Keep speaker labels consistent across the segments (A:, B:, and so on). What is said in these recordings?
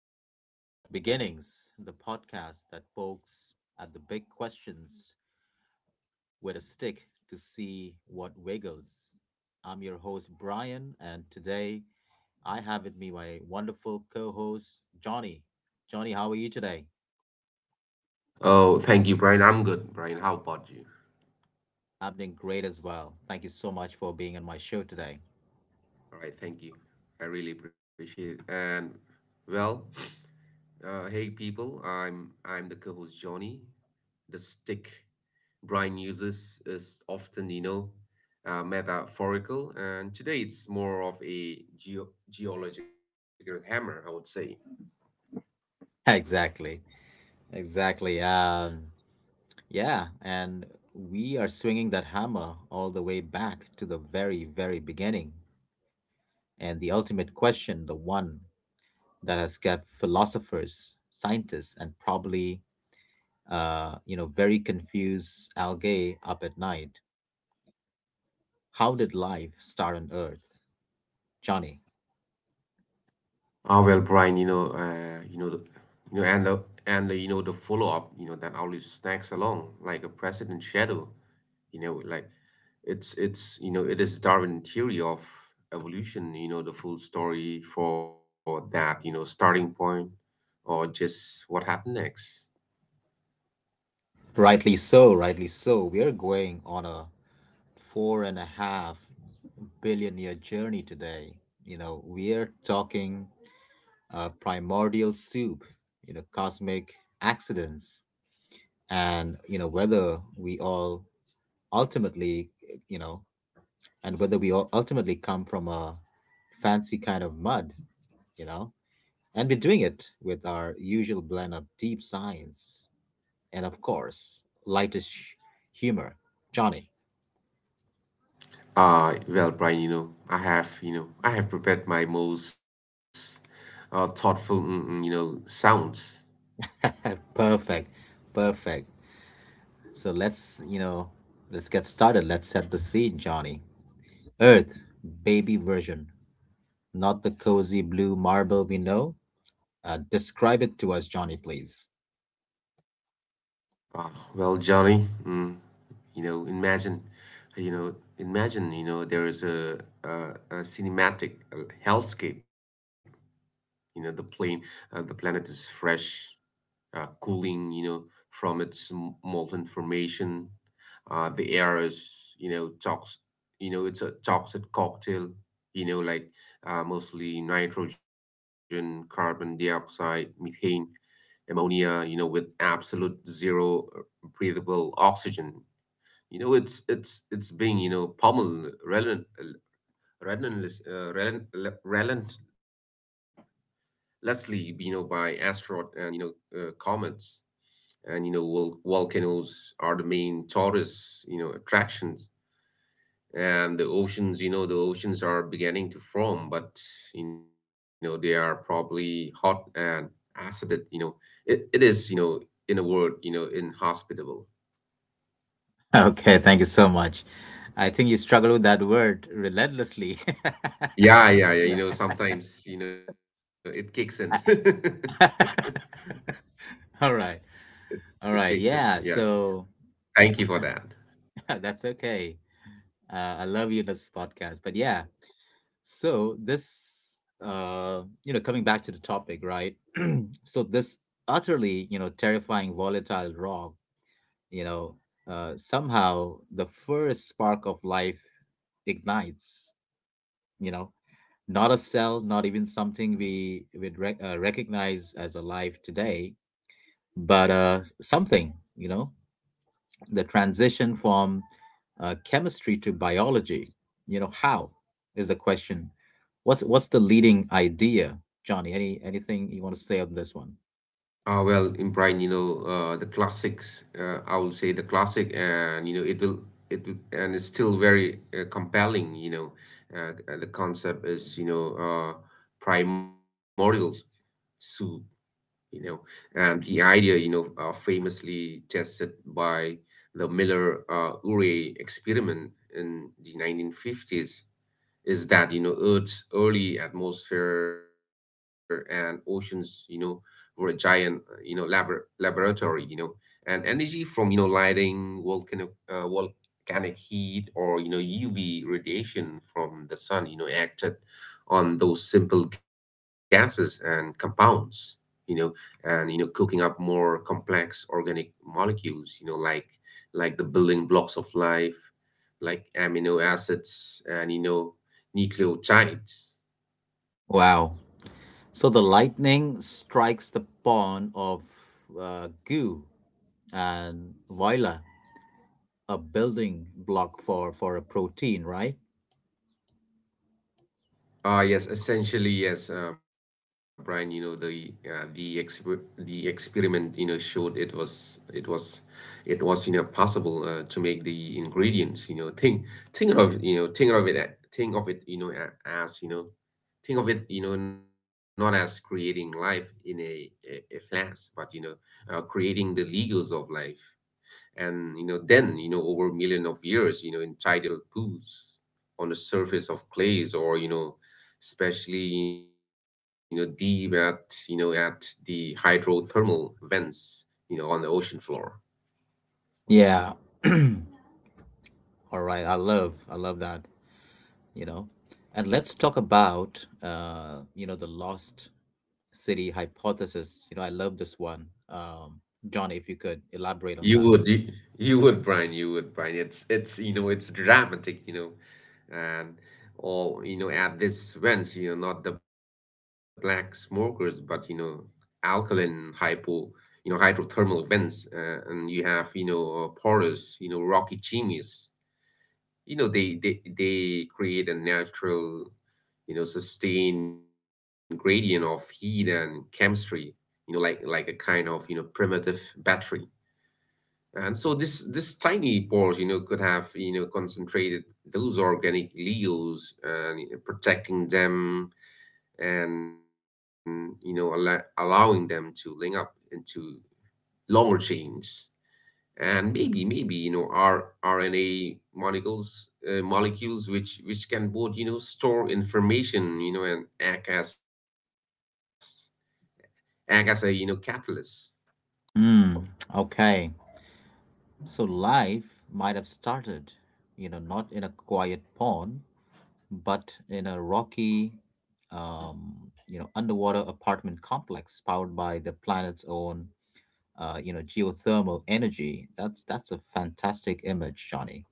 A: to Beginnings, the podcast that pokes at the big questions with a stick to see what wiggles. I'm your host, Brian, and today I have with me my wonderful co host, Johnny. Johnny, how are you today?
B: Oh, thank you, Brian. I'm good, Brian. How about you?
A: I'm doing great as well. Thank you so much for being on my show today.
B: All right, thank you. I really appreciate it. And well, hey people, I'm the co-host Johnny. The stick Brian uses is often, metaphorical, and today it's more of a geological hammer, I would say.
A: Exactly, exactly. Yeah, and we are swinging that hammer all the way back to the very, very beginning. And the ultimate question, the one that has kept philosophers, scientists, and probably you know, very confused algae up at night: how did life start on Earth, Johnny?
B: Well, Brian, you know, the, you know, and the, you know the follow-up, you know, that always snags along like a precedent shadow, like it's you know it is Darwin theory of evolution, the full story for that, starting point or just what happened next.
A: Rightly so, rightly so. We are going on a four and a half billion year journey today. You know, we're talking primordial soup, you know, cosmic accidents, and you know whether we all ultimately, you know, and whether we all ultimately come from a fancy kind of mud, you know? And we're doing it with our usual blend of deep science and, of course, lightish humor. Johnny.
B: Well, Brian, I have prepared my most thoughtful sounds.
A: Perfect. Perfect. So let's get started. Let's set the scene, Johnny. Earth, baby version, not the cozy blue marble we know. Describe it to us, Johnny, please.
B: Uh, well johnny mm, you know Imagine, you know there is a, a cinematic hellscape. you know the plane the planet is fresh, cooling, you know, from its molten formation. The air is, it's a toxic cocktail, you know, mostly nitrogen, carbon dioxide, methane, ammonia, you know, with absolute zero breathable oxygen. You know, it's being, you know, pummeled relent, relentless, relent, relentlessly, you know, by asteroid and comets, and you know volcanoes are the main tourist, you know, attractions. And the oceans, the oceans are beginning to form, but you know they are probably hot and acidic, you know. It is, you know, in a word, you know, inhospitable.
A: Okay, thank you so much. I think you struggle with that word relentlessly.
B: Yeah yeah, you know,
A: Right.
B: sometimes, you know, it kicks in.
A: All right. All
B: It
A: right.
B: kicks in,
A: Yeah.
B: yeah.
A: So
B: Thank you for that.
A: that's okay. I love you in this podcast. But yeah. So this, you know, coming back to the topic, right? So this utterly, you know, terrifying, volatile rock, you know, somehow the first spark of life ignites, you know, not a cell, not even something we would recognize as alive today, but something, you know, the transition from chemistry to biology, you know, how is the question. What's the leading idea, Johnny? Anything you want to say on this one?
B: Well, Brian, the classics. Uh, I will say the classic, and you know, it will, and it's still very compelling, you know. The concept is, you know, primordial soup, you know. And the idea, you know, famously tested by the Miller Urey experiment in the 1950s, is that you know Earth's early atmosphere and oceans, you know, were a giant laboratory, you know. And energy from, you know, lighting volcanic volcanic heat, or you know UV radiation from the sun, you know, acted on those simple gases and compounds, you know, and you know cooking up more complex organic molecules, you know, like the building blocks of life, like amino acids and, you know, nucleotides.
A: Wow. So the lightning strikes the pond of goo, and voila, a building block for a protein, right?
B: Ah, yes, essentially yes, Brian. You know the the experiment, you know, showed it was it was, you know, possible, to make the ingredients. You know, think of you know think of it a- think of it you know a- as you know think of it, you know, not as creating life in a flash, but you know, creating the legos of life. And you know then, you know, over a million of years, you know, in tidal pools, on the surface of clays, or you know especially, you know, deep at, you know, at the hydrothermal vents, you know, on the ocean floor.
A: Yeah. All right, I love that, you know. And let's talk about, you know, the lost city hypothesis. You know, I love this one. Johnny, if you could elaborate on
B: You
A: that.
B: would, you, you would, Brian, you would, Brian. It's, you know, it's dramatic, you know. And all, you know, at this events, you know, not the black smokers, but, you know, alkaline hypo, hydrothermal vents. Uh, and you have, you know, porous, you know, rocky chimneys. You know, they create a natural, you know, sustained gradient of heat and chemistry, you know, like, a kind of, you know, primitive battery. And so this tiny pores, you know, could have, you know, concentrated those organic leaves, and you know protecting them, and you know allowing them to link up into longer chains. And maybe, you know, R RNA molecules, molecules which can both, you know, store information, you know, and act as a, you know, catalyst.
A: Hmm. Okay. So life might have started, you know, not in a quiet pond, but in a rocky, you know, underwater apartment complex powered by the planet's own, you know, geothermal energy. That's a fantastic image, Johnny.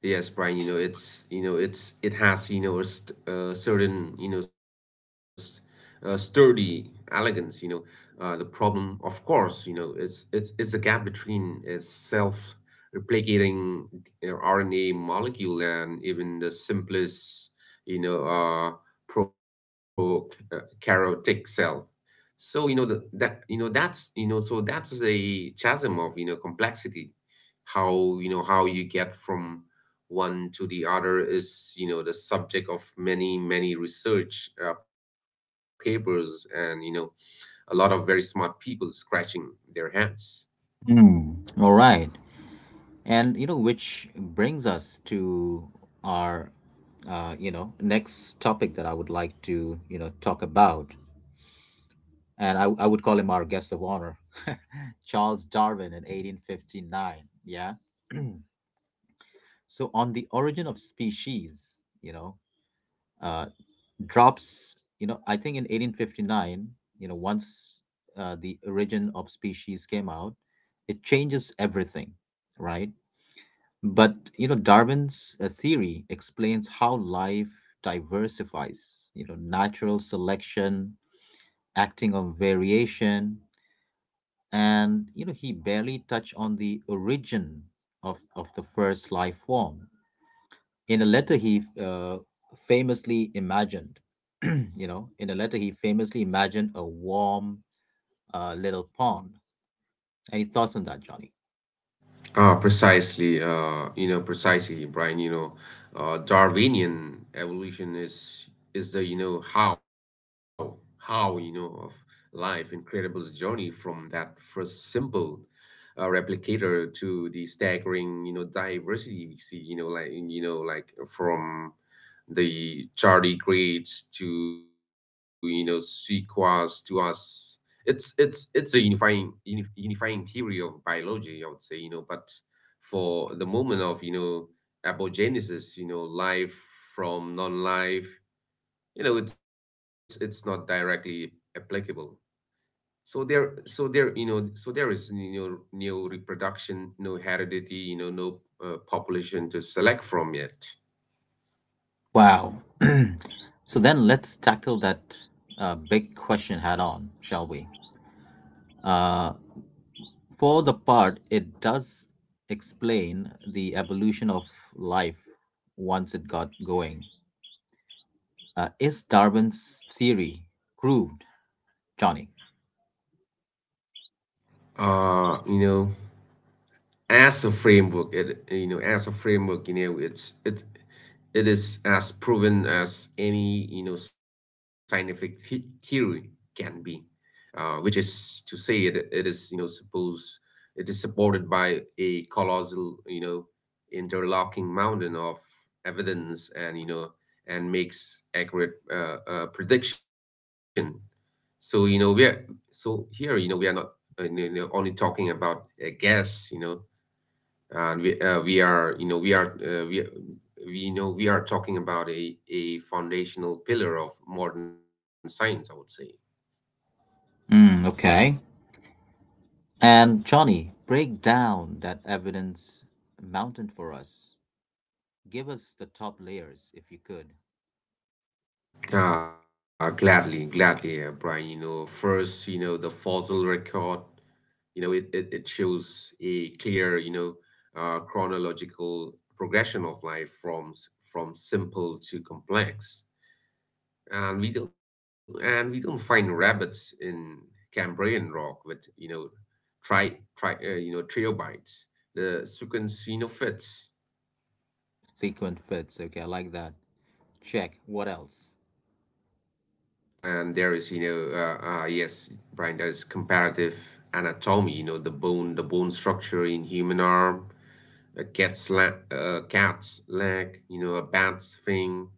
B: Yes, Brian, you know, it's, it has, you know, a st certain, you know, st sturdy elegance, you know. The problem, of course, you know, it's a gap between a self-replicating RNA molecule and even the simplest, you know, prokaryotic cell. So, you know, the, that, you know, that's, you know, so that's a chasm of, you know, complexity. How You know how you get from one to the other is, you know, the subject of many research, papers, and you know a lot of very smart people scratching their heads.
A: Hmm. All right. And you know, which brings us to our you know, next topic that I would like to, you know, talk about. And I would call him our guest of honor, Charles Darwin in 1859. Yeah. So on the origin of species, you know, uh, drops, you know, I think in 1859, you know, once the origin of species came out, it changes everything, right? But you know, Darwin's theory explains how life diversifies, you know, natural selection, acting on variation, and you know, he barely touched on the origin of, the first life form. In a letter he famously imagined, you know, in a letter he famously imagined a warm little pond. Any thoughts on that, Johnny?
B: Ah, precisely, you know, precisely, Brian. You know, Darwinian evolution is the, you know, how you know, of life, incredible journey from that first simple replicator to the staggering, you know, diversity we see. You know, like from the tardigrades to, you know, sequoias to us. It's a unifying theory of biology, I would say. You know, but for the moment of, you know, aborigines, you know, life from non-life, it's not directly applicable. So there, you know, there is, you know, no reproduction, no heredity, you know, no population to select from yet.
A: Wow. So then let's tackle that big question head on, shall we? Uh, for the part, it does explain the evolution of life once it got going. Is Darwin's theory proved, Johnny?
B: You know, as a framework, it, you know, it's it is as proven as any, you know, scientific theory can be. Which is to say, it is supported by a colossal, you know, interlocking mountain of evidence, and you know and makes accurate prediction. So you know we're so here, you know, we are not, you know, only talking about a guess, you know. And we are you know we are we know we are talking about a foundational pillar of modern science, I would say.
A: Mm, okay. And Johnny, break down that evidence mountain for us. Give us the top layers if you could.
B: Ah, gladly, Brian. You know, first, you know, the fossil record, you know, it shows a clear, you know, chronological progression of life from from simple to complex. And we don't find rabbits in Cambrian rock with, you know, triobites. The sequence, you know, fits.
A: Sequent fits. Okay, I like that. Check. What else?
B: And there is, yes, Brian, there is comparative anatomy. You know, the bone structure in human arm, a cat's leg, you know, a bat's wing,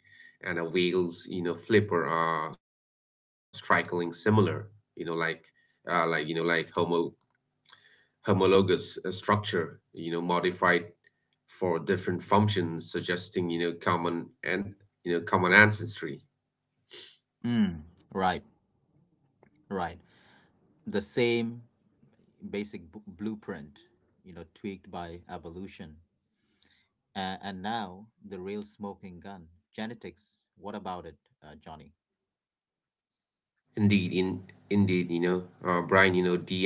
B: and a whale's, you know, flipper are strikingly similar, you know, like, uh, like you know like homo homologous structure, you know, modified for different functions, suggesting, you know, common ancestry.
A: Mm, right, right. The same basic blueprint, you know, tweaked by evolution. And now the real smoking gun, genetics. What about it, Johnny?
B: Indeed, in indeed, you know, Brian, you know, DNA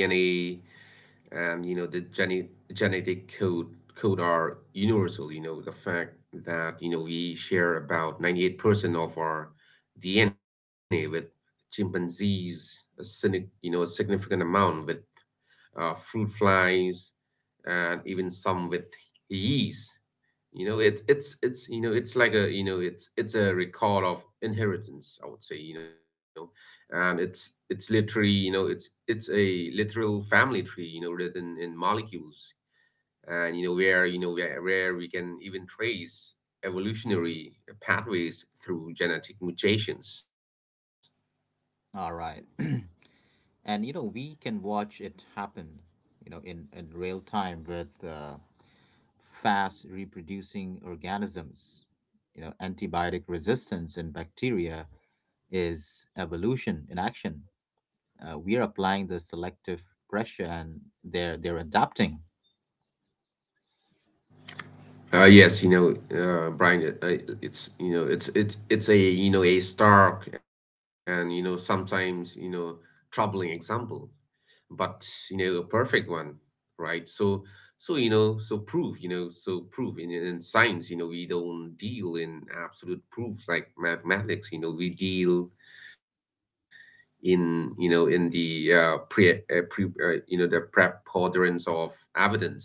B: and, you know, the genetic code are universal. You know, the fact that, you know, we share about 98% of our DNA with chimpanzees, a a significant amount with fruit flies, and even some with yeast. It's like a, it's a record of inheritance, I would say. You know, and it's literally you know it's a literal family tree, you know, written in molecules. And you know where, we can even trace evolutionary pathways through genetic mutations.
A: All right. And, you know, we can watch it happen, you know, in real time with fast reproducing organisms. You know, antibiotic resistance in bacteria is evolution in action. Uh, we're applying the selective pressure and they're adapting.
B: Uh, yes, you know, Brian, it's a, you know, a stark and, you know, sometimes, you know, troubling example, but you know a perfect one. Right, so, so proof in science, you know, we don't deal in absolute proofs like mathematics. You know, we deal in, you know, in the pre, pre you know, the preponderance of evidence.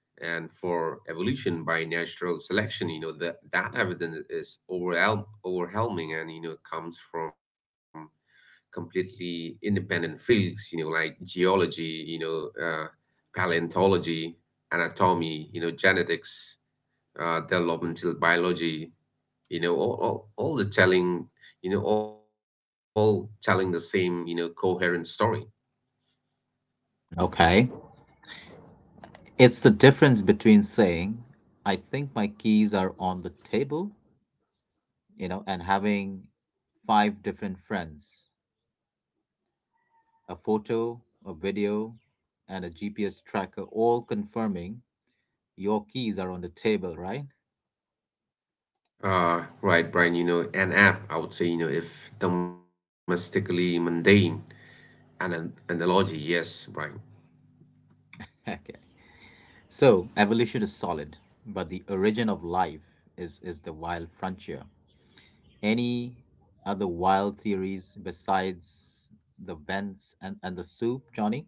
B: And for evolution by natural selection, you know, that evidence is overwhelming, and you know comes from completely independent fields, you know, like geology, you know, paleontology, anatomy, you know, genetics, developmental biology, you know, all the telling, you know, all telling the same, you know, coherent story.
A: Okay, it's the difference between saying I think my keys are on the table, you know, and having five different friends, a photo, a video, and a GPS tracker all confirming your keys are on the table, right?
B: Right, Brian, you know, an app, I would say, you know, if domestically mundane, an analogy, yes, Brian.
A: Okay, so evolution is solid, but the origin of life is the wild frontier. Any other wild theories besides the vents and the soup, Johnny?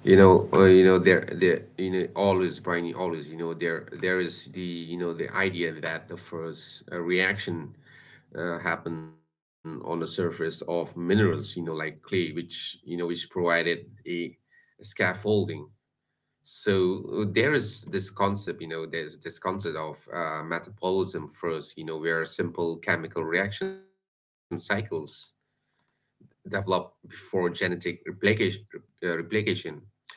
B: You know, there, you know, always, Brian, you always, you know, there is the, you know, the idea that the first reaction happen on the surface of minerals, you know, like clay, which, you know, which provided a scaffolding. So there is this concept, of metabolism first, you know, where simple chemical reaction cycles develop before genetic replication.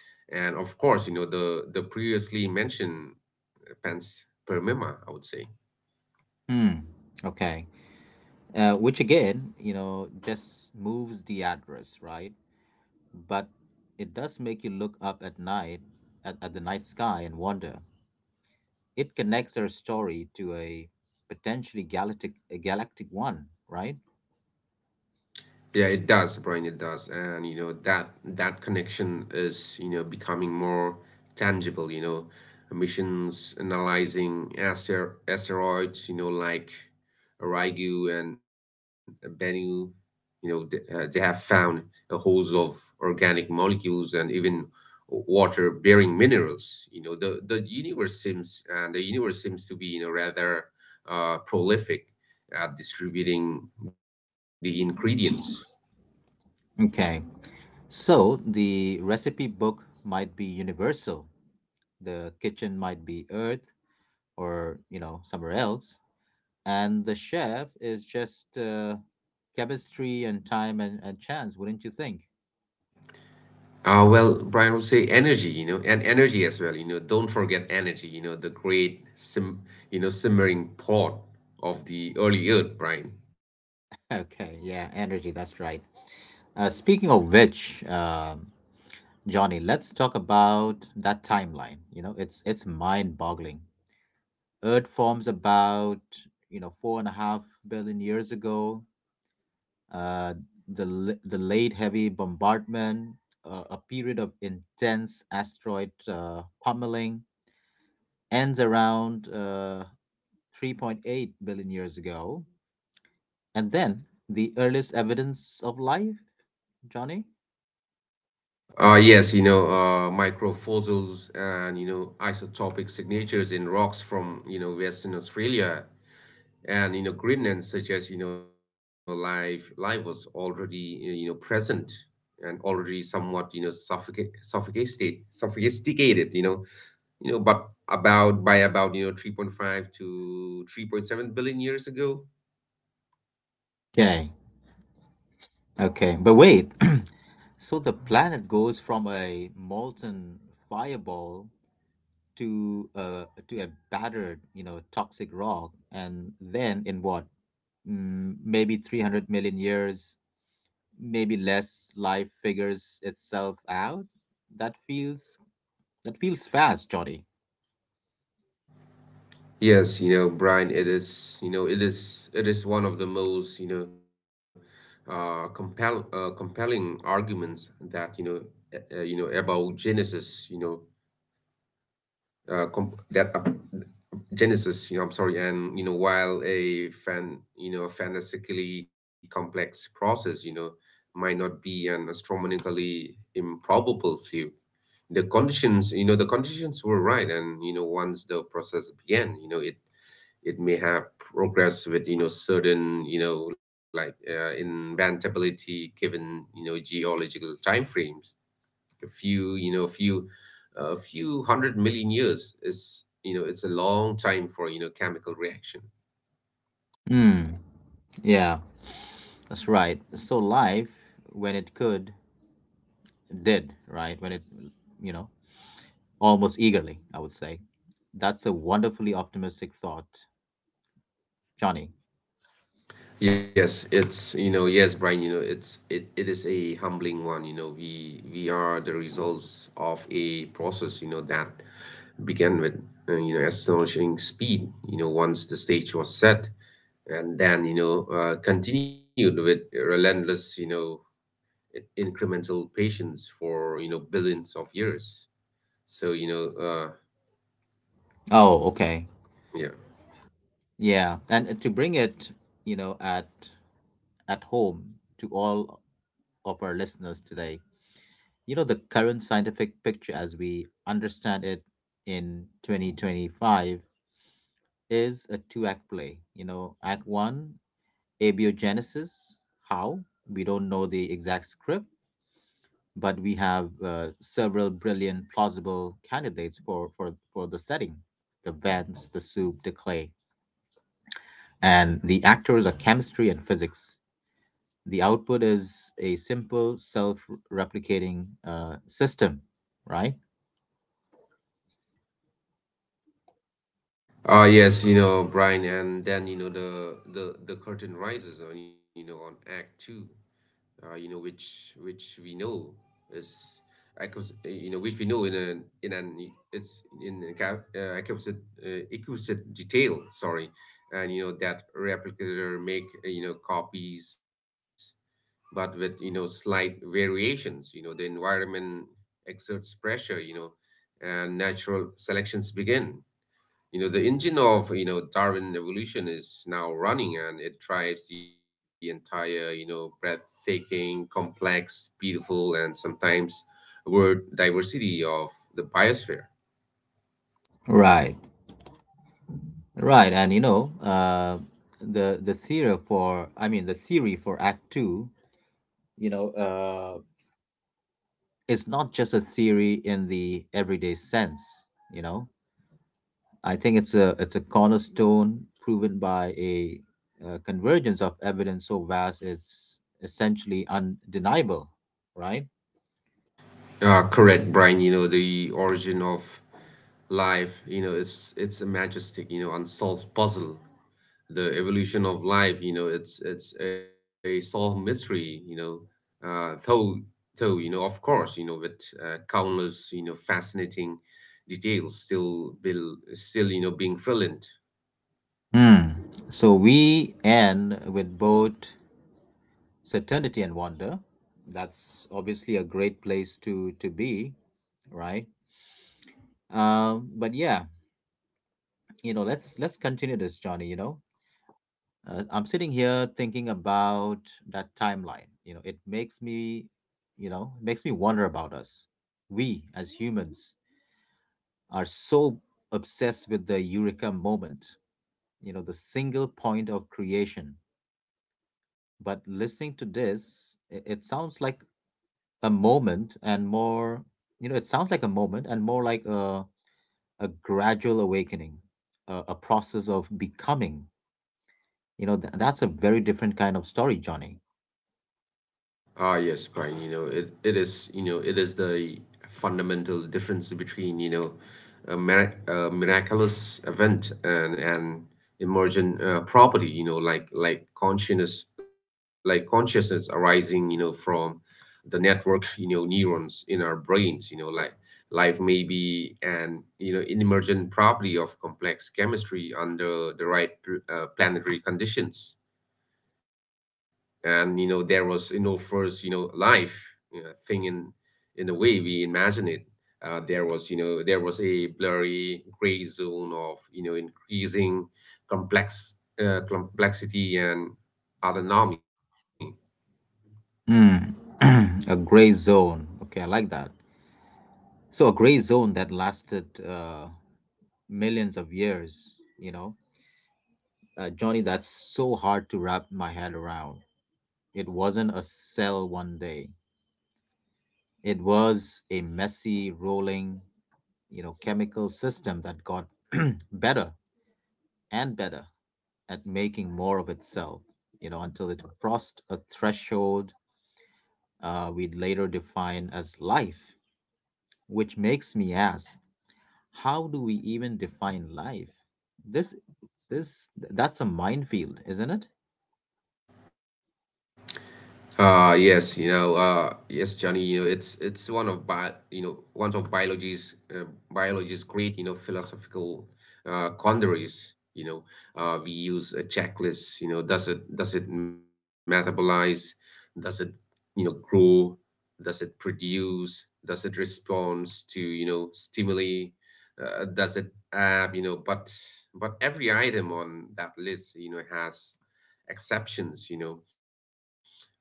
B: And of course, you know, the previously mentioned panspermia, I would say.
A: Hmm. Okay. Which again, you know, just moves the address, right? But it does make you look up at night at, the night sky and wonder. It connects our story to a potentially galactic a galactic one, right?
B: Yeah, it does, Brian, it does. And that connection is, becoming more tangible, missions analyzing asteroids, like Rygu and Bennu, you know, th they have found a host of organic molecules and even water-bearing minerals. The universe seems to be, rather prolific at distributing the ingredients.
A: Okay. So the recipe book might be universal. The kitchen might be Earth, or you know somewhere else, and the chef is just chemistry and time and, chance, wouldn't you think?
B: Well, Brian would say energy, and energy as well. Don't forget energy. The great simmering pot of the early Earth, Brian.
A: Okay, yeah, energy, that's right. Speaking of which, Johnny, let's talk about that timeline. You know, it's mind boggling. Earth forms about, you know, four and a half billion years ago. uh, the late heavy bombardment, a period of intense asteroid pummeling, ends around 3.8 billion years ago. And then the earliest evidence of life, Johnny?
B: Microfossils and isotopic signatures in rocks from Western Australia and Greenland suggest life was already present and already somewhat you know suffocate, sophisticated sophisticated, but about by about 3.5 to 3.7 billion years ago.
A: Okay, okay. But wait. So the planet goes from a molten fireball to a battered, you know, toxic rock. And then in what? Mm, maybe 300 million years, maybe less, life figures itself out. That feels that feels fast, Johnny.
B: Yes, Brian, it is, it is one of the most, compelling arguments that, about Genesis, you know, com that Genesis, you know, I'm sorry, and, while a fantastically complex process, might not be an astronomically improbable few. The conditions, the conditions were right, and once the process began, it it may have progressed with certain, like inventability, given geological time frames. A few you know a few a few hundred million years is, it's a long time for chemical reaction.
A: Hmm. Yeah. That's right. So life, when it could, did, right? When it, you know, almost eagerly, I would say. That's a wonderfully optimistic thought, Johnny.
B: Yes, brian, it is a humbling one. We are the results of a process, that began with astonishing speed, once the stage was set, and then continued with relentless, incremental patience for billions of years. So.
A: Oh, okay.
B: Yeah.
A: Yeah. And to bring it, you know, at home to all of our listeners today, you know, the current scientific picture as we understand it in 2025 is a two act play. You know, act one, abiogenesis: how, we don't know the exact script, but we have several brilliant plausible candidates for, the setting: the vents, the soup, the clay. And the actors are chemistry and physics. The output is a simple self-replicating system, right?
B: Yes, Brian, and then the curtain rises on, on act two, which we know is acquis- you know which we know in an it's in a ca- acquisite acquisite detail. Sorry, and that replicator make you know copies, but with slight variations. The environment exerts pressure. And natural selections begin. The engine of, Darwin evolution is now running, and it drives the entire, breathtaking, complex, beautiful, and sometimes word diversity of the biosphere.
A: Right. Right and you know, the theory for act two, you know. It's not just a theory in the everyday sense, you know. I think it's a cornerstone proven by a, uh, convergence of evidence so vast it's essentially undeniable, right?
B: Correct, Brian. The origin of life, it's a majestic, unsolved puzzle. The evolution of life, it's a solved mystery, Uh, though, though of course, with countless, fascinating details still being filled in.
A: Hmm. So we end with both certainty and wonder. That's obviously a great place to be, right? Um, but yeah, you know, let's continue this, Johnny, you know. I'm sitting here thinking about that timeline. You know, it makes me wonder about us. We as humans are so obsessed with the eureka moment, you know, the single point of creation. But listening to this, it sounds like a moment and more, you know, it sounds like a moment, and more like a gradual awakening, a process of becoming. You know, that's a very different kind of story, Johnny.
B: Yes, Brian, it is, it is the fundamental difference between, a miraculous event and an emergent property, like consciousness arising, from the network, neurons in our brains, like life may be an, emergent property of complex chemistry under the right planetary conditions. And you know there was you know first you know life thing in the way we imagine it, there was a blurry gray zone of increasing complex complexity and autonomy.
A: Mm. A gray zone. Okay, I like that. So a gray zone that lasted millions of years. You know, Johnny, that's so hard to wrap my head around. It wasn't a cell one day. It was a messy, rolling, you know, chemical system that got better and better at making more of itself. You know, until it crossed a threshold we'd later define as life, which makes me ask, how do we even define life? This, that's a minefield, isn't it?
B: Yes, Johnny, it's one of biology's biology's great, philosophical quandaries. We use a checklist. Does it metabolize? Does it grow? Does it produce? Does it respond to stimuli? Does it ab? You know, but every item on that list, has exceptions. You know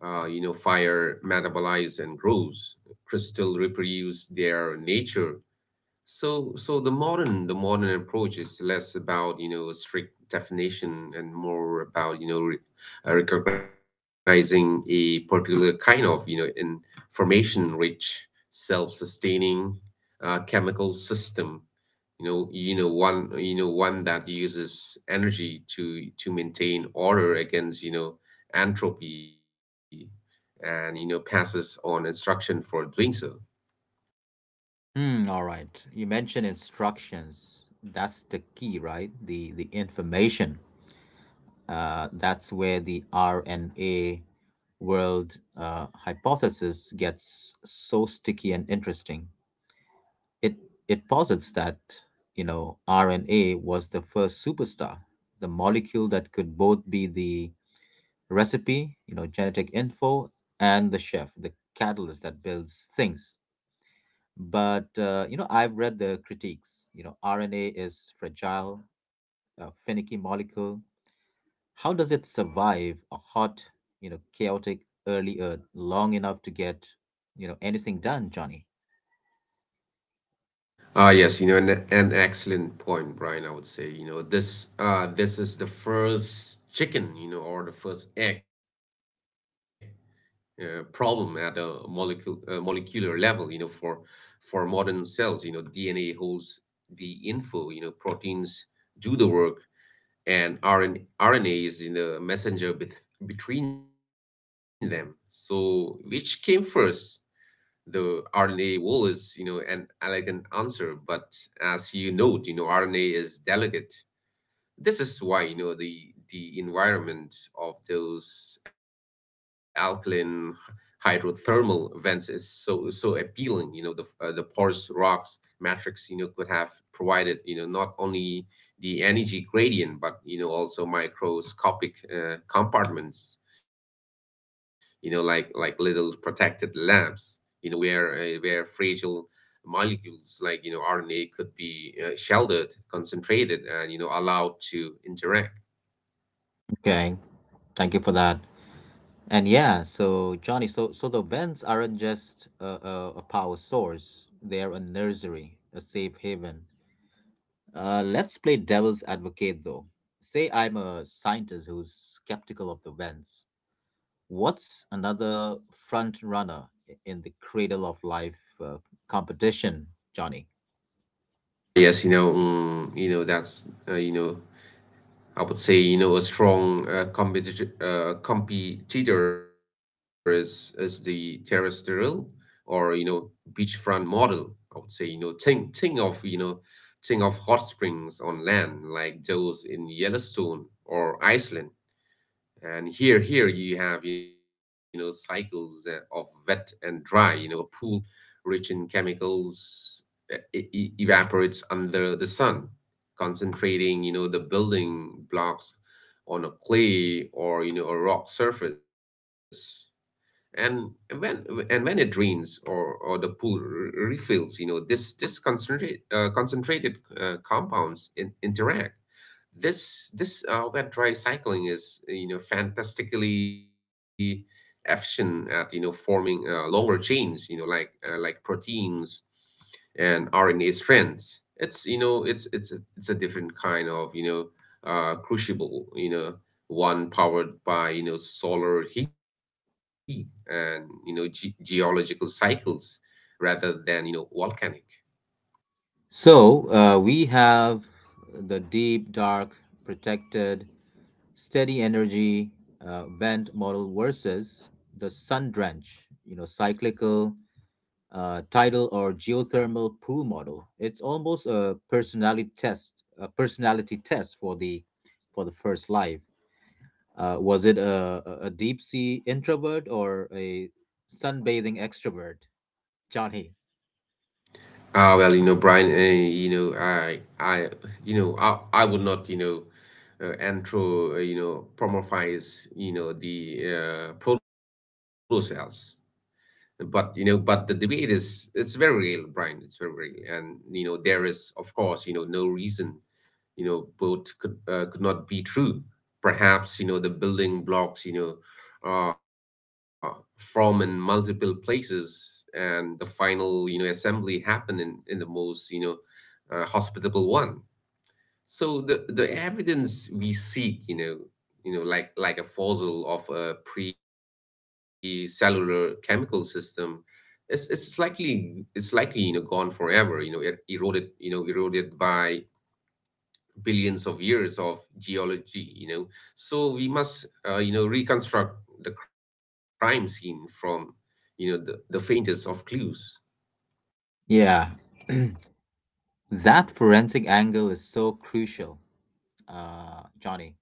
B: uh, you know, Fire metabolize and grows. Crystal reproduce their nature. So the modern approach is less about a strict definition and more about recognizing a particular kind of information rich self sustaining chemical system, one that uses energy to maintain order against entropy, and passes on instruction for doing so.
A: Hmm. All right. You mentioned instructions. That's the key, right? The information. That's where the RNA world hypothesis gets so sticky and interesting. It it posits that you know RNA was the first superstar, the molecule that could both be the recipe, you know, genetic info, and the chef, the catalyst that builds things. But, you know, I've read the critiques. You know, RNA is fragile, a finicky molecule. How does it survive a hot, you know, chaotic early Earth long enough to get, you know, anything done, Johnny?
B: Yes, an excellent point, Brian. I would say this is the first chicken, or the first egg problem at a molecule molecular level. For modern cells, DNA holds the info, proteins do the work, and RN RNA is in the messenger between them. So, which came first? The RNA wall is, an elegant answer, but as you note, RNA is delicate. This is why the environment of those alkaline hydrothermal vents is so appealing. The porous rocks matrix, could have provided, not only the energy gradient, but also microscopic compartments. Like little protected labs, where fragile molecules like RNA could be sheltered, concentrated, and allowed to interact.
A: Okay, thank you for that. And yeah, so Johnny, so so the vents aren't just a power source; they're a nursery, a safe haven. Let's play devil's advocate, though. Say I'm a scientist who's skeptical of the vents. What's another front runner in the cradle of life competition, Johnny?
B: Yes, you know, mm, you know that's you know I would say a strong competitor is the terrestrial, or beachfront model. I would say, think of hot springs on land, like those in Yellowstone or Iceland. And here you have cycles of wet and dry. A pool rich in chemicals evaporates under the sun, concentrating the building blocks on a clay or a rock surface. And when when it rains, or the pool refills, this concentrated compounds interact. This wet dry cycling is, fantastically efficient at forming longer chains, like proteins and RNA strands. It's a different kind of crucible, one powered by solar heat and geological cycles, rather than volcanic.
A: So we have the deep, dark, protected, steady energy vent model versus the sun drench, you know, cyclical, tidal, or geothermal pool model. It's almost a personality test for the first life. Was it a deep sea introvert or a sunbathing extrovert, Johnny?
B: Well, Brian, you know, I, you know, I would not, promorphize, the proto cells. But, but the debate is, it's very real, Brian. It's very real. And, there is, of course, no reason both could, could not be true. Perhaps, the building blocks, are from in multiple places, and the final, assembly happen in the most, hospitable one. So the evidence we seek, like a fossil of a pre-cellular chemical system, it's likely, you know, gone forever. It eroded, eroded by billions of years of geology, so we must, reconstruct the crime scene from, the faintest of clues.
A: Yeah, that forensic angle is so crucial. Uh, Johnny.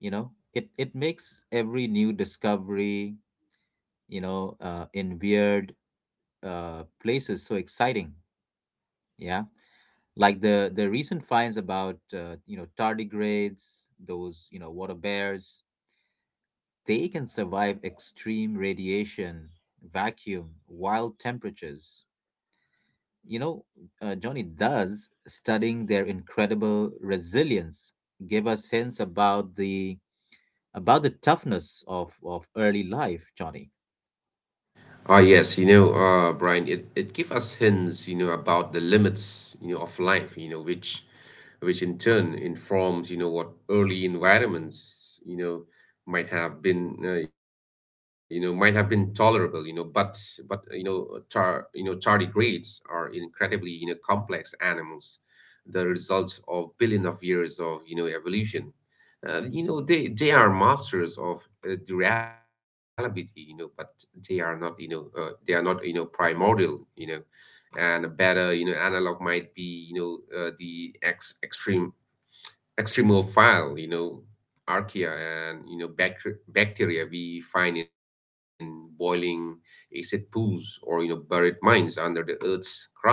A: You know, it makes every new discovery, in weird places so exciting. Yeah, like the recent finds about tardigrades, those water bears. They can survive extreme radiation, vacuum, wild temperatures. You know, Johnny, does studying their incredible resilience give us hints about the toughness of early life, Johnny?
B: Yes, Brian, it gives us hints, about the limits, of life, which in turn informs, what early environments, might have been tolerable, but but uh, you know, tardigrades are incredibly, complex animals, the result of billion of years of, evolution. They are masters of durability, but they are not, they are not, primordial, and a better, analog might be, the extreme extremophile, archaea, and, bacteria, we find in boiling acid pools or, buried mines under the earth's crust.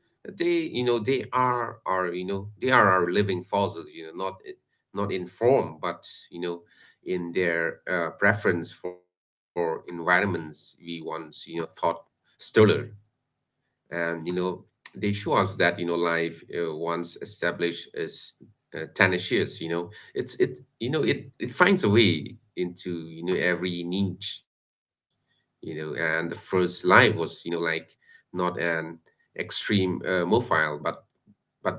B: They are our they are our living fossils, not not in form, but, in their preference for environments we once, thought sterler. And they show us that life, once established, is tenacious. It finds a way into every niche. And the first life was, like, not an extreme, mobile, but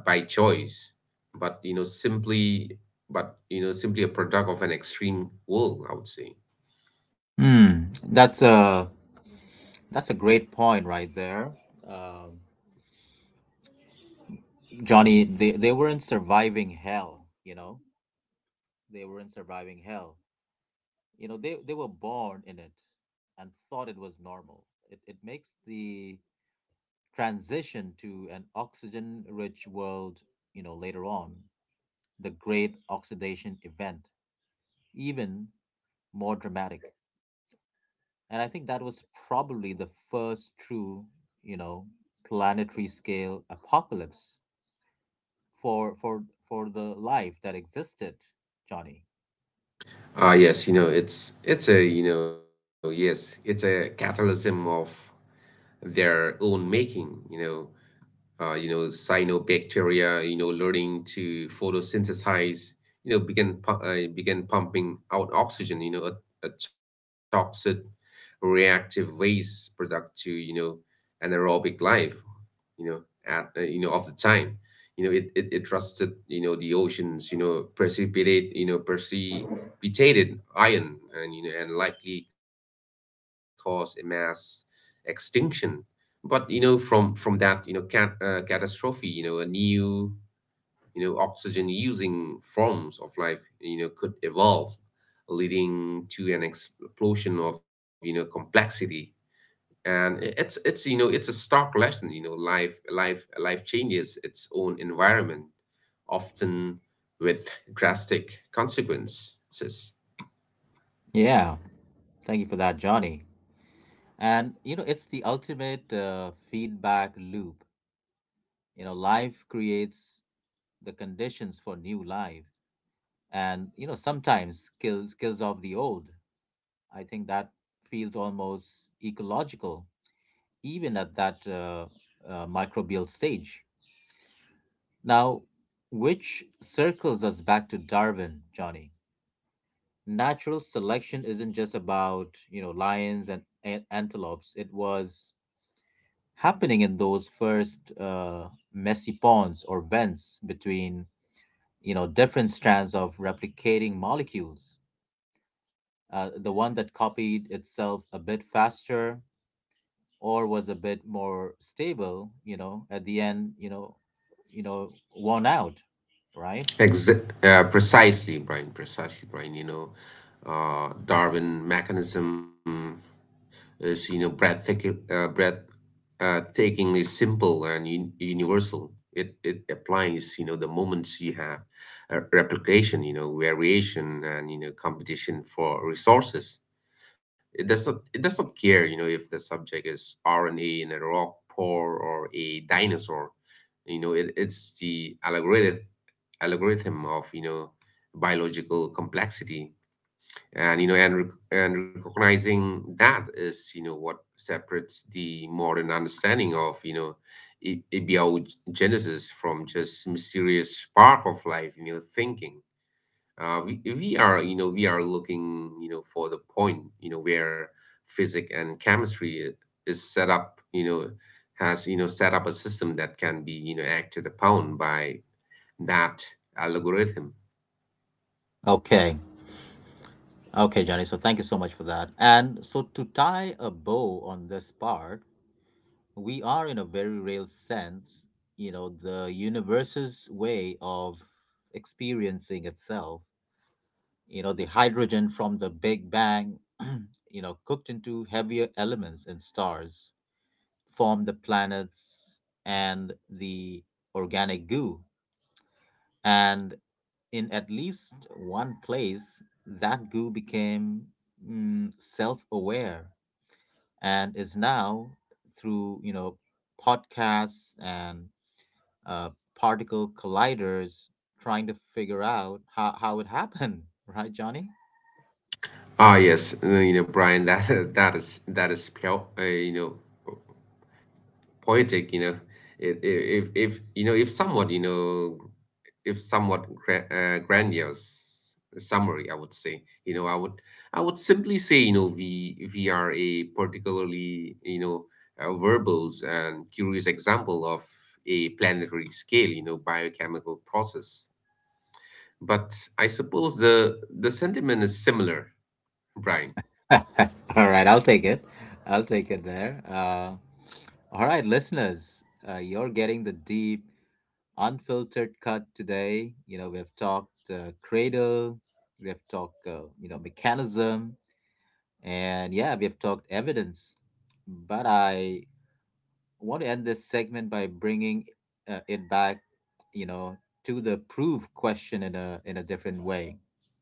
B: by choice, but you know simply but you know simply a product of an extreme world, I would say.
A: Hmm. That's a great point right there, um, Johnny. They weren't surviving hell. They weren't surviving hell. You know, they were born in it and thought it was normal. It makes the transition to an oxygen-rich world, you know, later on, the Great Oxidation Event, even more dramatic. And I think that was probably the first true, you know, planetary scale apocalypse for for the life that existed, Johnny.
B: It's a, you know, yes, It's a catalysm of their own making. Cyanobacteria, learning to photosynthesize, began pumping out oxygen, a toxic reactive waste product to, anaerobic life, you know, at of the time. It rusted, the oceans, you know, precipitated iron, and and likely caused a mass extinction. But you know from from that, catastrophe, a new, oxygen using forms of life could evolve, leading to an explosion of complexity. And i- it's it's you know it's a stark lesson. Life, life changes its own environment, often with drastic consequences.
A: Yeah. Thank you for that, Johnny. And you know, it's the ultimate feedback loop. You know, life creates the conditions for new life and you know, sometimes kills off the old. I think that feels almost ecological even at that microbial stage. Now, which circles us back to Darwin, Johnny. Natural selection isn't just about, you know, lions and antelopes. It was happening in those first messy ponds or vents between, you know, different strands of replicating molecules. The one that copied itself a bit faster or was a bit more stable, you know, at the end, won out, right?
B: Exa Precisely, Brian. Precisely, Brian. Darwin mechanism is breathtaking, breath, takingly simple and un universal. It applies the moments you have replication, variation, and competition for resources. It does not care if the subject is RNA in a rock pore or a dinosaur. It's the algorithm, of biological complexity. And recognizing that is what separates the modern understanding of abiogenesis from just mysterious spark of life thinking. We are looking for the point where physics and chemistry is set up. You know has you know Set up a system that can be acted upon by that algorithm.
A: Okay. Okay, Johnny. So thank you so much for that. And so to tie a bow on this part, we are in a very real sense, you know, the universe's way of experiencing itself. You know, the hydrogen from the Big Bang, you know, cooked into heavier elements and stars, form the planets and the organic goo. And in at least one place, that goo became self aware and is now through you know podcasts and uh, particle colliders trying to figure out how it happened right, Johnny?
B: Brian, that that is, poetic. If you know if somewhat you know if somewhat grandiose summary, I would say. I would simply say, we are a particularly, verbose and curious example of a planetary scale. Biochemical process. But I suppose the sentiment is similar, Brian.
A: All right, I'll take it there, all right, listeners, you're getting the deep unfiltered cut today. You know, we have talked cradle, we have talked, you know, mechanism, and yeah, we have talked evidence. But I want to end this segment by bringing it back, you know, to the proof question in a different way.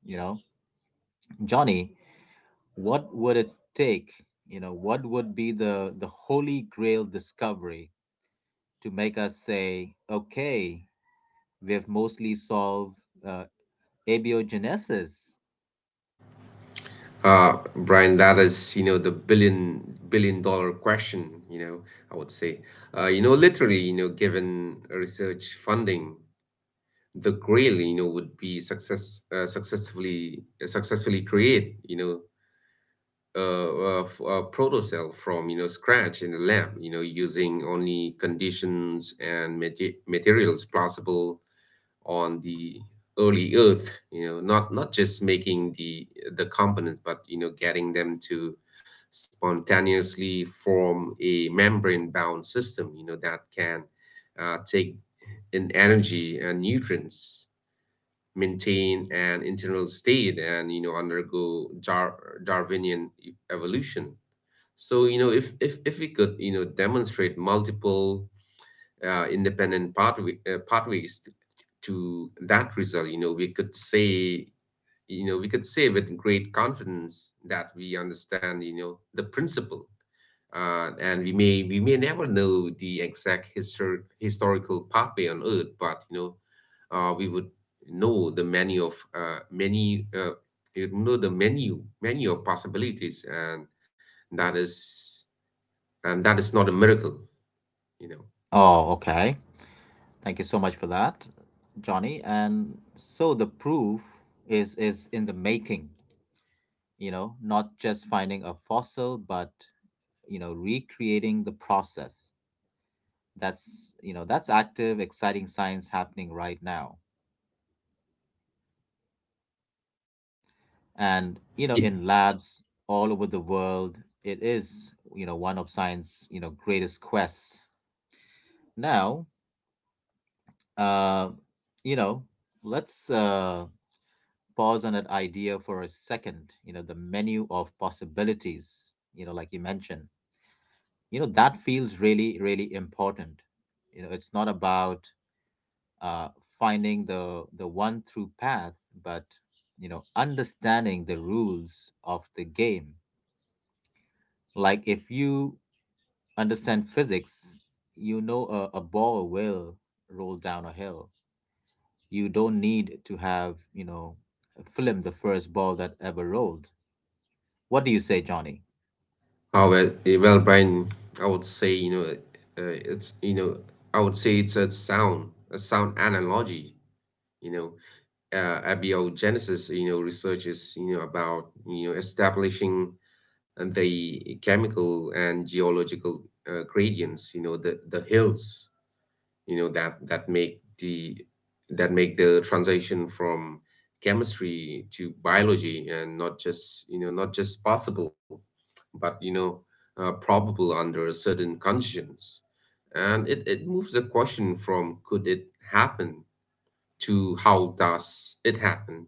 A: You know, Johnny, what would it take? You know, what would be the holy grail discovery to make us say, okay, we have mostly solved uh, Abiogenesis?
B: Brian, that is, the billion dollar question, I would say. Literally, given research funding, the Grail, would be successfully create, a proto cell from, scratch in the lab, using only conditions and materials plausible on the early earth. Not just making the components, but getting them to spontaneously form a membrane bound system that can take in energy and nutrients, maintain an internal state, and undergo darwinian evolution. So if, if we could demonstrate multiple, independent pathway, pathways to that result, we could say, with great confidence that we understand the principle. And we may, never know the exact historical pathway on earth, but we would know the many of, many, you know the menu of possibilities. And that is, not a miracle you know
A: Oh, okay. Thank you so much for that, Johnny. And so the proof is in the making, you know, not just finding a fossil, but you know, recreating the process. That's you know, that's active, exciting science happening right now. And you know, in labs all over the world, it is, you know, one of science, you know, greatest quests. Now, uh, you know, let's pause on that idea for a second, you know, the menu of possibilities, you know, like you mentioned, you know, that feels really, really important. You know, it's not about uh, finding the one through path, but you know, understanding the rules of the game. Like if you understand physics, you know a ball will roll down a hill. You don't need to have, you know, film the first ball that ever rolled. What do you say, Johnny?
B: Oh well, well, Brian, I would say you know it's you know I would say it's a sound, analogy. You know, Abiogenesis. Research is about establishing the chemical and geological, gradients. The hills that make the, transition from chemistry to biology, and not just, not just possible, but probable under certain conditions. And it moves the question from, could it happen, to how does it happen.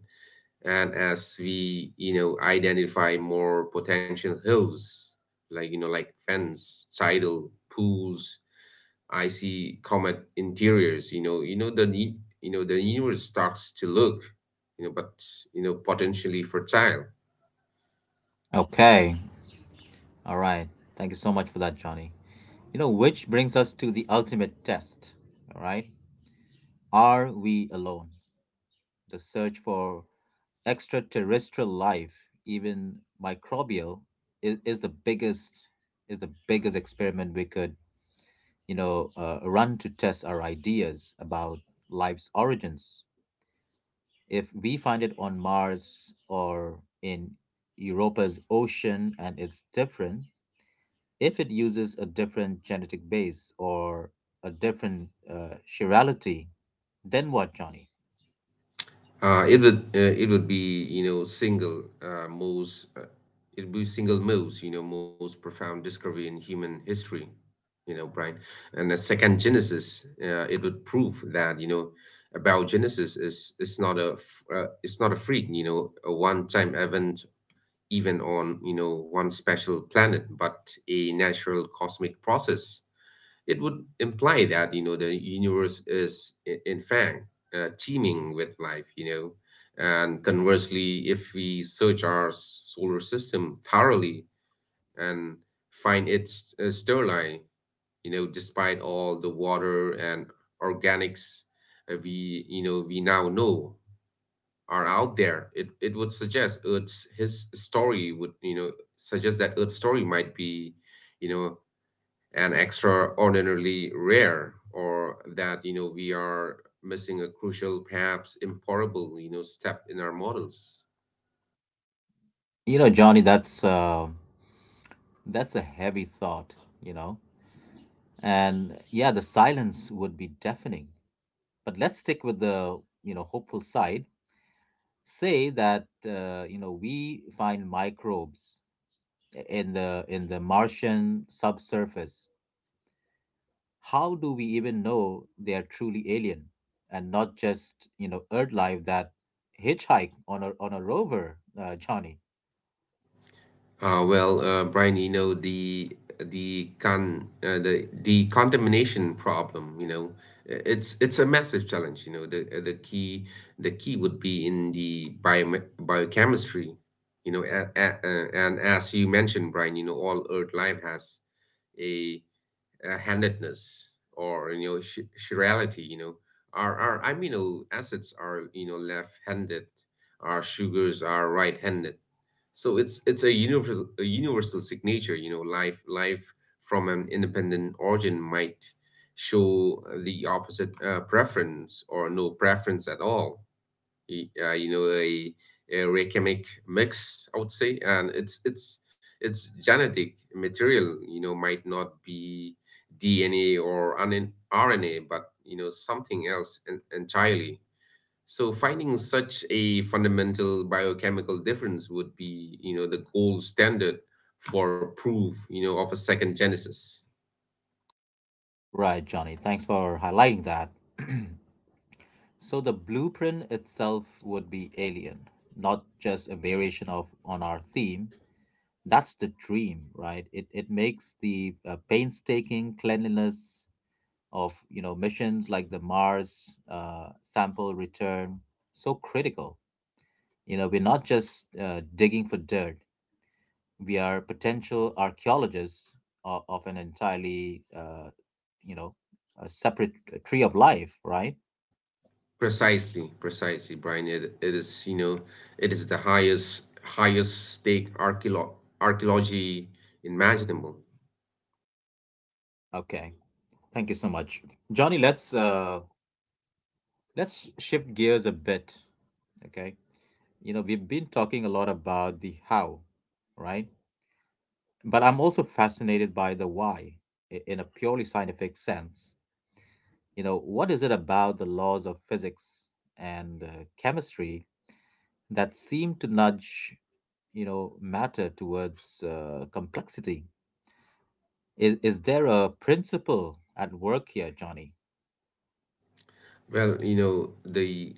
B: And as we identify more potential hills, like, like fence tidal pools. I see comet interiors. You know the ne- you know the universe starts to look, you know, but you know potentially fertile.
A: Okay. All right. Thank you so much for that, Johnny. You know, which brings us to the ultimate test. All right. Are we alone? The search for extraterrestrial life, even microbial, is, is the biggest is the biggest experiment we could, run to test our ideas about life's origins. If we find it on Mars or in Europa's ocean and it's different, if it uses a different genetic base or a different chirality, then what, Johnny?
B: It would, it would be, you know single most it would be single most, most profound discovery in human history, Brian. And a second Genesis, it would prove that about Genesis is not a it's not a freak, a one time event, even on, one special planet, but a natural cosmic process. It would imply that the universe is, in fact, teeming with life. And conversely, if we search our solar system thoroughly and find it sterile, despite all the water and organics, we, we now know are out there. It would suggest Earth's his story would, suggest that Earth's story might be, you know and extraordinarily rare, or that we are missing a crucial, perhaps imparable, step in our models.
A: You know, Johnny, that's a heavy thought. You know, and yeah, the silence would be deafening. But let's stick with the you know hopeful side. Say that you know we find microbes in the Martian subsurface. How do we even know they are truly alien and not just you know earth life that hitchhike on a rover, Johnny?
B: Brian, the con the contamination problem. It's a massive challenge. The key, the key would be in the bio, biochemistry, a, and as you mentioned, Brian, all earth life has a, handedness, or chirality. Our, amino acids are, left-handed. Our sugars are right-handed. So it's a universal, a universal signature. Life, from an independent origin might show the opposite, preference, or no preference at all. A, a racemic mix, I would say. And it's genetic material, might not be DNA or an RNA, but, something else, entirely. So finding such a fundamental biochemical difference would be, the gold standard for proof, of a second Genesis.
A: Right, Johnny, thanks for highlighting that. So the blueprint itself would be alien, not just a variation of on our theme. That's the dream, right? It makes the painstaking cleanliness of you know missions like the Mars sample return so critical. You know, we're not just digging for dirt, we are potential archaeologists of an entirely, you know, a separate tree of life, right?
B: Precisely, precisely, Brian. It is, it is the highest, stake archeolo archaeology imaginable.
A: Okay. Thank you so much. Johnny, let's shift gears a bit, okay? You know, we've been talking a lot about the how, right? But I'm also fascinated by the why in a purely scientific sense. You know, what is it about the laws of physics and chemistry that seem to nudge you know matter towards complexity? Is there a principle at work here, Johnny?
B: Well, you know, the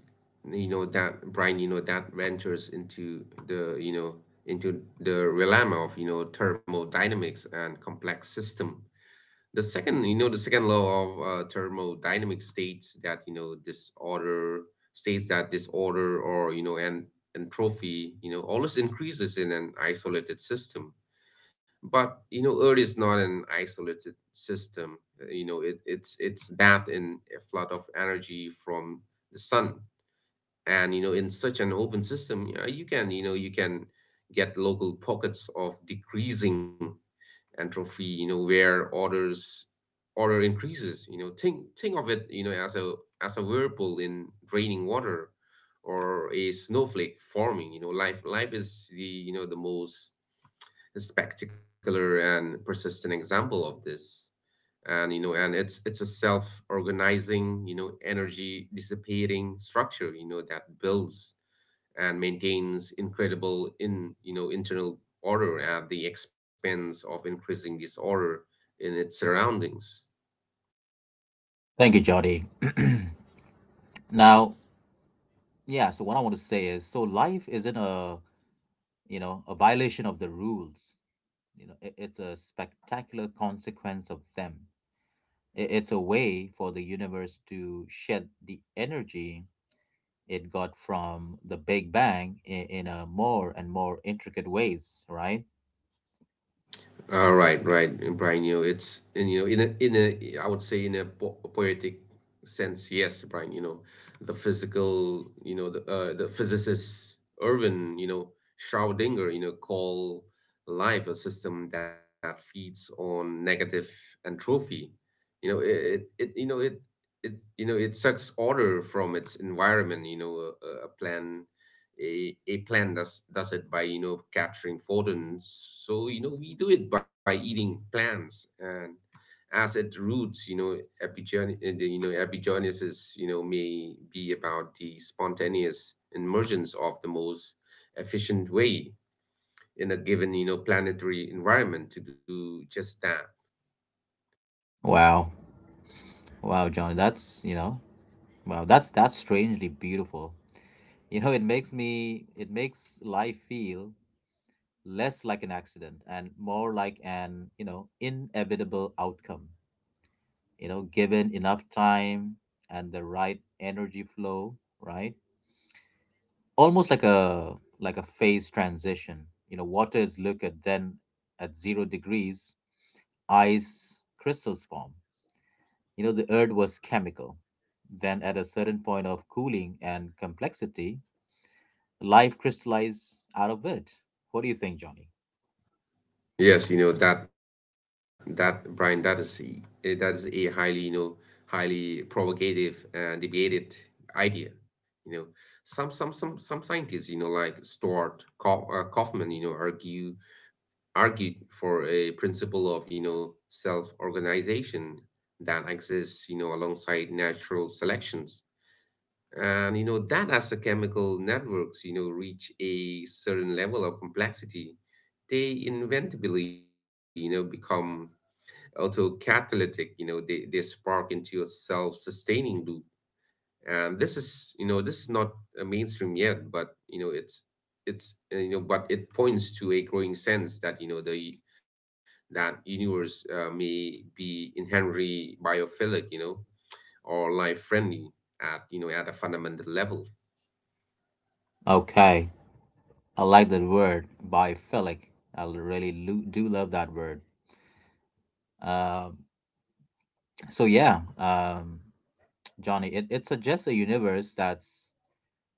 B: you know that Brian, that ventures into the, into the realm of, thermodynamics and complex system. The second, the second law of, thermodynamic states that disorder, states that disorder or you know and entropy, always increases in an isolated system. But earth is not an isolated system. It's bathed in a flood of energy from the sun. And, in such an open system, yeah, you can, you can get local pockets of decreasing entropy, where orders, order increases. Think, of it, as a, as a whirlpool in draining water, or a snowflake forming. Life, is the, the most spectacular and persistent example of this. And it's a self-organizing, energy dissipating structure, that builds and maintains incredible, in you know internal order at the expense of increasing disorder in its surroundings.
A: Thank you, Johnny. Now, yeah, so what I want to say is, so life isn't a you know a violation of the rules, you know it's a spectacular consequence of them. It's a way for the universe to shed the energy it got from the Big Bang in a more and more intricate ways, right?
B: All right, right, Brian. You know, it's in you know, in a I would say, in a, poetic sense, yes, Brian. The physical, the physicist Irvin, Schrödinger, call life a system that feeds on negative entropy. You know, it you know it it you know It sucks order from its environment. A, plant does it by capturing photons. So we do it by eating plants. And as it roots, epigenesis, may be about the spontaneous emergence of the most efficient way in a given, planetary environment, to do just that.
A: Wow. Wow, Johnny, that's, you know, wow, that's strangely beautiful. You know, it makes life feel less like an accident and more like an, you know, inevitable outcome. You know, given enough time and the right energy flow, right? Almost like a phase transition. You know, water is liquid, then at zero degrees, ice crystals form. You know, the earth was chemical. Then, at a certain point of cooling and complexity, life crystallized out of it. What do you think, Johnny?
B: Yes, you know that that Brian, that is that is a highly, highly provocative and debated idea. You know, some scientists, like Stuart Kaufman, argue, argued for a principle of, self-organization that exists alongside natural selections. And that as the chemical networks reach a certain level of complexity, they inevitably become autocatalytic, they spark into a self-sustaining loop. And this is this is not a mainstream yet, but it's but it points to a growing sense that you know the that universe may be inherently biophilic, or life friendly at at a fundamental level.
A: Okay, I like that word, biophilic. I really do love that word. Um, so yeah, Johnny, it suggests a universe that's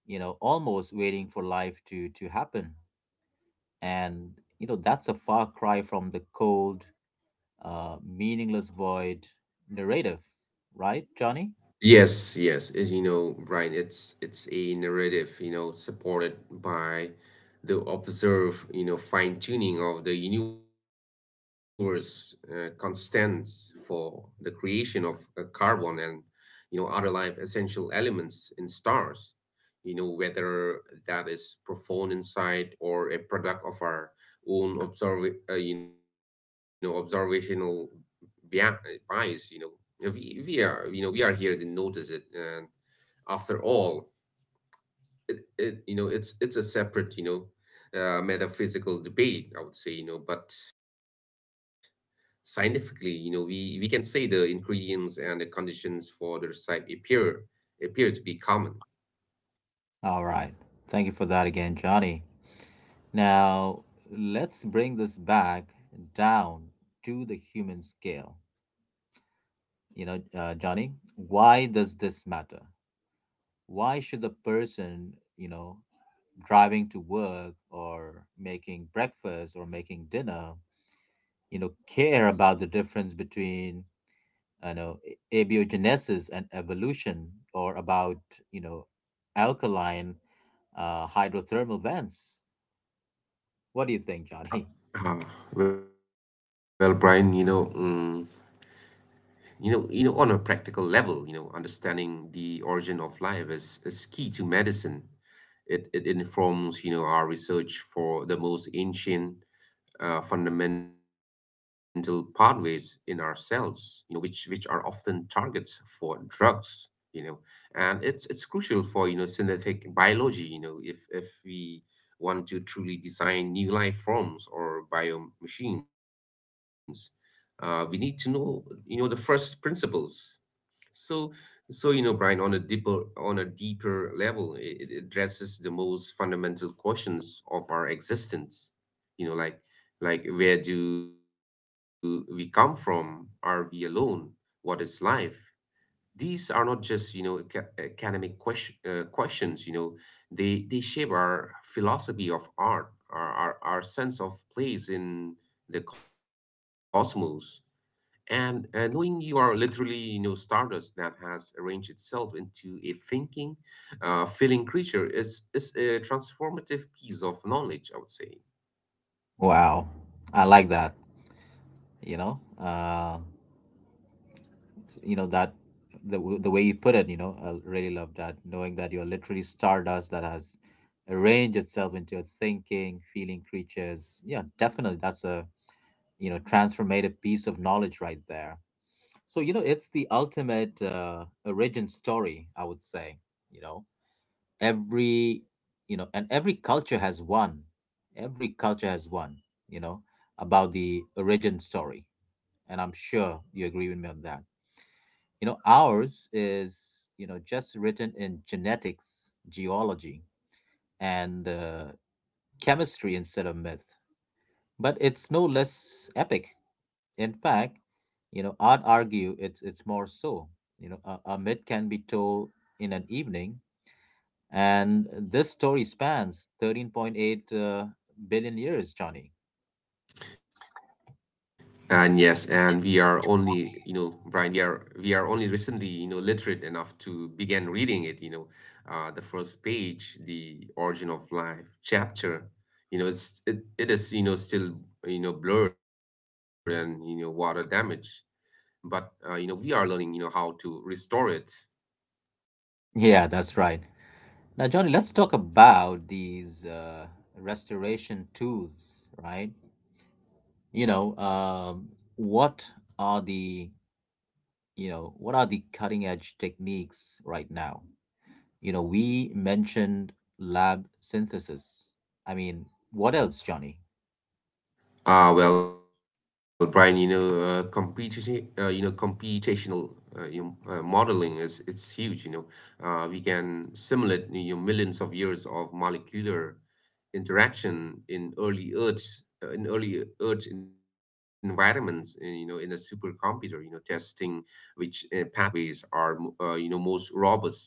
A: you know almost waiting for life to happen, and you know that's a far cry from the cold, meaningless void narrative, right, Johnny?
B: Yes, yes, as you know, Brian, it's a narrative, supported by the observed, fine-tuning of the universe constants for the creation of carbon and, other life essential elements in stars, whether that is profound insight or a product of our own observational bia- bias. You know we are you know we are here to notice it, and after all it's a separate metaphysical debate, I would say. But scientifically, we can say the ingredients and the conditions for the recipe appear to be common.
A: All right. Thank you for that again, Johnny. Now, let's bring this back down to the human scale. You know, Johnny, why does this matter? Why should the person, you know, driving to work or making breakfast or making dinner, you know, care about the difference between, you know, abiogenesis and evolution or about, you know, alkaline hydrothermal vents? What do you think, Johnny?
B: Ah well, Brian, on a practical level, understanding the origin of life is key to medicine. It informs, our research for the most ancient fundamental pathways in our cells, which are often targets for drugs, you know, and it's crucial for synthetic biology. If we want to truly design new life forms or bio machines, we need to know the first principles. So, so you know, Brian, on a deeper, level, it addresses the most fundamental questions of our existence. You know, like like, where do we come from? Are we alone? What is life? These are not just academic questions. They shape our philosophy of art, our sense of place in the cosmos. And knowing you are literally, stardust that has arranged itself into a thinking, feeling creature is a transformative piece of knowledge, I would say.
A: Wow, I like that. You know, you know that the way you put it. You know, I really love that. Knowing that you're literally stardust that has arranged itself into your thinking, feeling creatures. Yeah, definitely, that's a you know transformative piece of knowledge right there. So, you know, it's the ultimate origin story, I would say. You know, every, you know, and every culture has one. Every culture has one, you know, about the origin story. And I'm sure you agree with me on that. You know, ours is, you know, just written in genetics, geology, and chemistry instead of myth. But it's no less epic. In fact, you know, I'd argue it's more so. You know, a myth can be told in an evening, and this story spans 13.8 billion years, Johnny.
B: And yes, and we are only, Brian, we are only recently, literate enough to begin reading it. The first page, the origin of life chapter, it is, still, blurred and, water damage. But we are learning how to restore it.
A: Yeah, that's right. Now, Johnny, let's talk about these restoration tools, right? You know, what are the you know what are the cutting edge techniques right now? You know, we mentioned lab synthesis. I mean, what else, Johnny?
B: Well, Brian, computational modeling is it's huge. We can simulate millions of years of molecular interaction in early Earth environments, in a supercomputer, testing which pathways are most robust.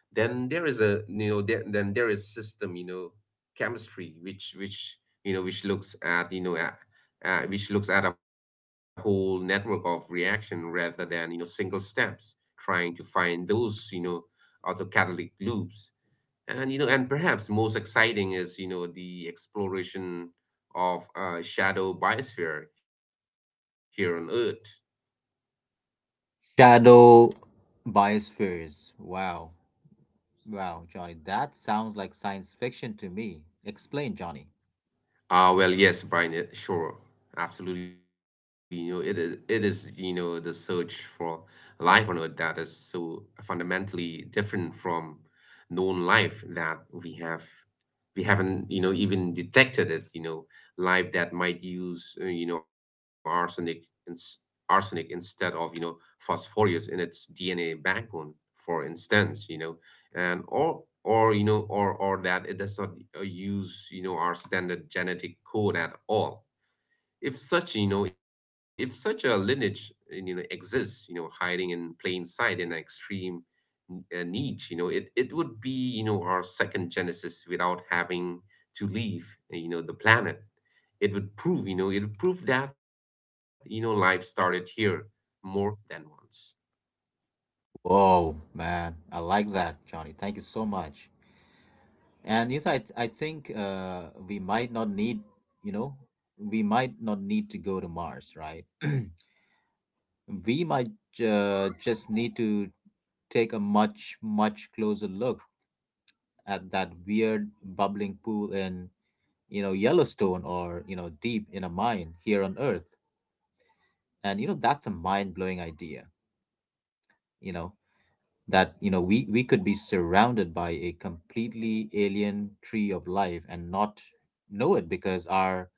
B: Then there is a you know there, then there is system chemistry, which you know which looks at you know at, which looks at a whole network of reaction rather than single steps, trying to find those autocatalytic loops. And you know and perhaps most exciting is the exploration of shadow biosphere here on Earth.
A: Shadow biospheres. Wow, wow, Johnny, that sounds like science fiction to me. Explain, Johnny.
B: Well, yes, Brian, sure, absolutely. It is the search for life on Earth that is so fundamentally different from known life that we haven't even detected it. Life that might use arsenic instead of phosphorus in its DNA backbone, for instance. And or you know or that it does not use our standard genetic code at all. If such a lineage exists, hiding in plain sight in an extreme niche, it would be our second genesis without having to leave the planet. It would prove that life started here more than once.
A: Whoa, man, I like that, Johnny. Thank you so much. And yes, I think we might not need, you know, we might not need to go to Mars, right? We might just need to take a much closer look at that weird bubbling pool in you know Yellowstone or you know deep in a mine here on Earth. And you know that's a mind blowing idea. You know that you know we could be surrounded by a completely alien tree of life and not know it because our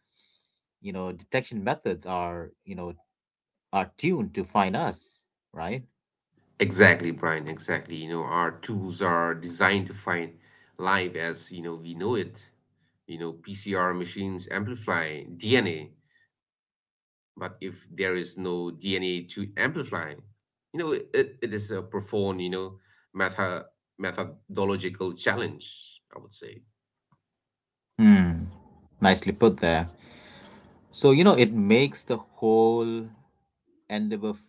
A: you know, detection methods are, you know, are tuned to find us, right?
B: Exactly, Brian. Exactly. Our tools are designed to find life as, we know it. PCR machines amplify DNA, but if there is no DNA to amplify, it is a profound, you know, meta methodological challenge, I would say.
A: Hmm. Nicely put there. So, you know, it makes the whole endeavor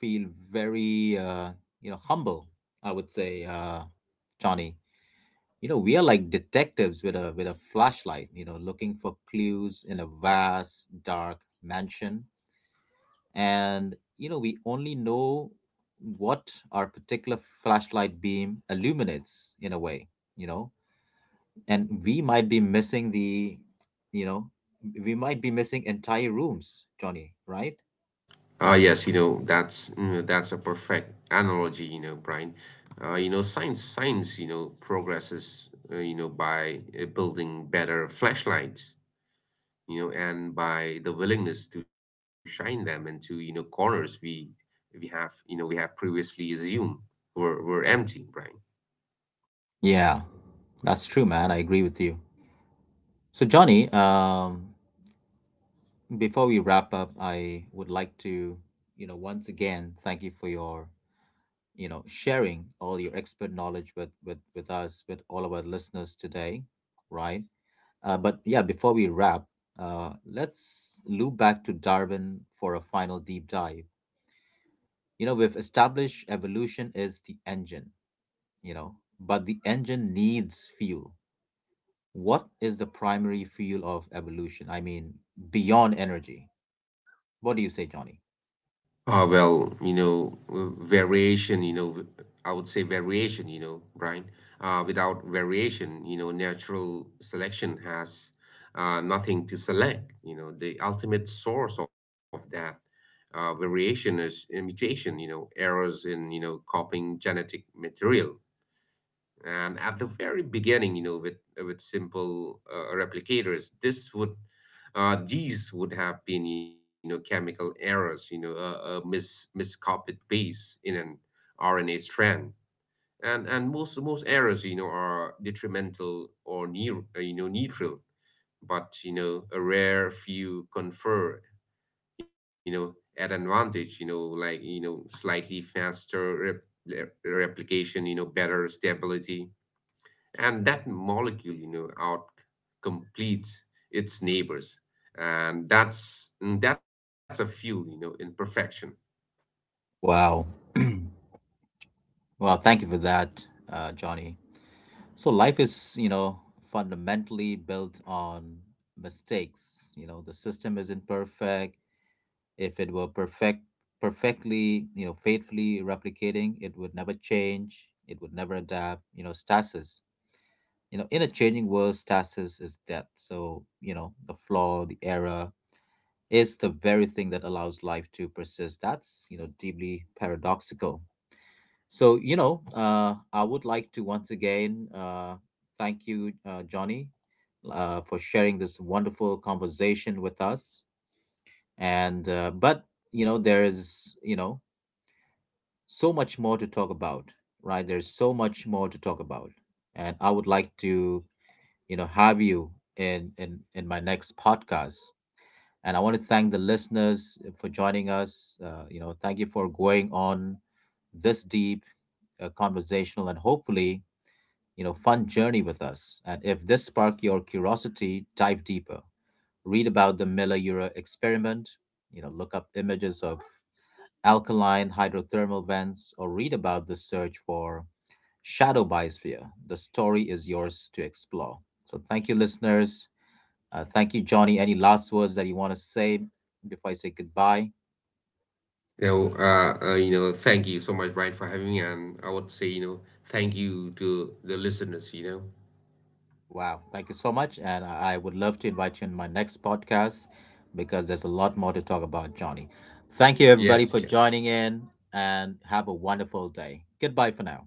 A: feel very, you know, humble, I would say, Johnny. You know, we are like detectives with a flashlight, you know, looking for clues in a vast, dark mansion. And, you know, we only know what our particular flashlight beam illuminates in a way, you know, and you know we might be missing entire rooms, Johnny, right?
B: Yes, that's a perfect analogy, Brian. Science, progresses, by building better flashlights, and by the willingness to shine them into, corners we have previously assumed were empty, Brian.
A: Yeah, that's true, man, I agree with you. So, Johnny, before we wrap up, I would like to you know once again thank you for your you know sharing all your expert knowledge with with us, with all of our listeners today, right? But yeah, before we wrap, let's loop back to Darwin for a final deep dive. You know, we've established evolution is the engine, you know, but the engine needs fuel. What is the primary fuel of evolution? I mean, beyond energy, what do you say, Johnny?
B: Well, variation, you know, v- I would say variation, Brian. Without variation, natural selection has nothing to select. The ultimate source of that variation is mutation, errors in, copying genetic material. And at the very beginning, with simple replicators, this would these would have been, chemical errors, a miscopied base in an RNA strand, and most errors, are detrimental or near, neutral, but a rare few confer, an advantage, slightly faster replication, better stability, and that molecule out completes its neighbors. And that's a fuel, in perfection.
A: Wow. Well, thank you for that, Johnny. So life is you know fundamentally built on mistakes. You know, the system isn't perfect. If it were perfectly you know faithfully replicating, it would never change, it would never adapt. You know, stasis, you know, in a changing world, stasis is death. So you know the flaw, the error, is the very thing that allows life to persist. That's you know deeply paradoxical. So you know, I would like to once again thank you, Johnny, for sharing this wonderful conversation with us. And but you know there is you know so much more to talk about, right? There's so much more to talk about. And I would like to you know have you in my next podcast. And I want to thank the listeners for joining us, you know, thank you for going on this deep conversational and hopefully you know fun journey with us. And if this sparked your curiosity, dive deeper. Read about the Miller-Urey experiment, you know, look up images of alkaline hydrothermal vents or read about the search for shadow biosphere. The story is yours to explore. So thank you, listeners, thank you, Johnny. Any last words that you want to say before I say goodbye?
B: Thank you so much, Brian, for having me. And I would say, thank you to the listeners.
A: Wow. Thank you so much. And I would love to invite you in my next podcast because there's a lot more to talk about, Johnny.
B: Yes,
A: Thank you,
B: yes.
A: everybody, for joining in and have a wonderful day. Goodbye for now.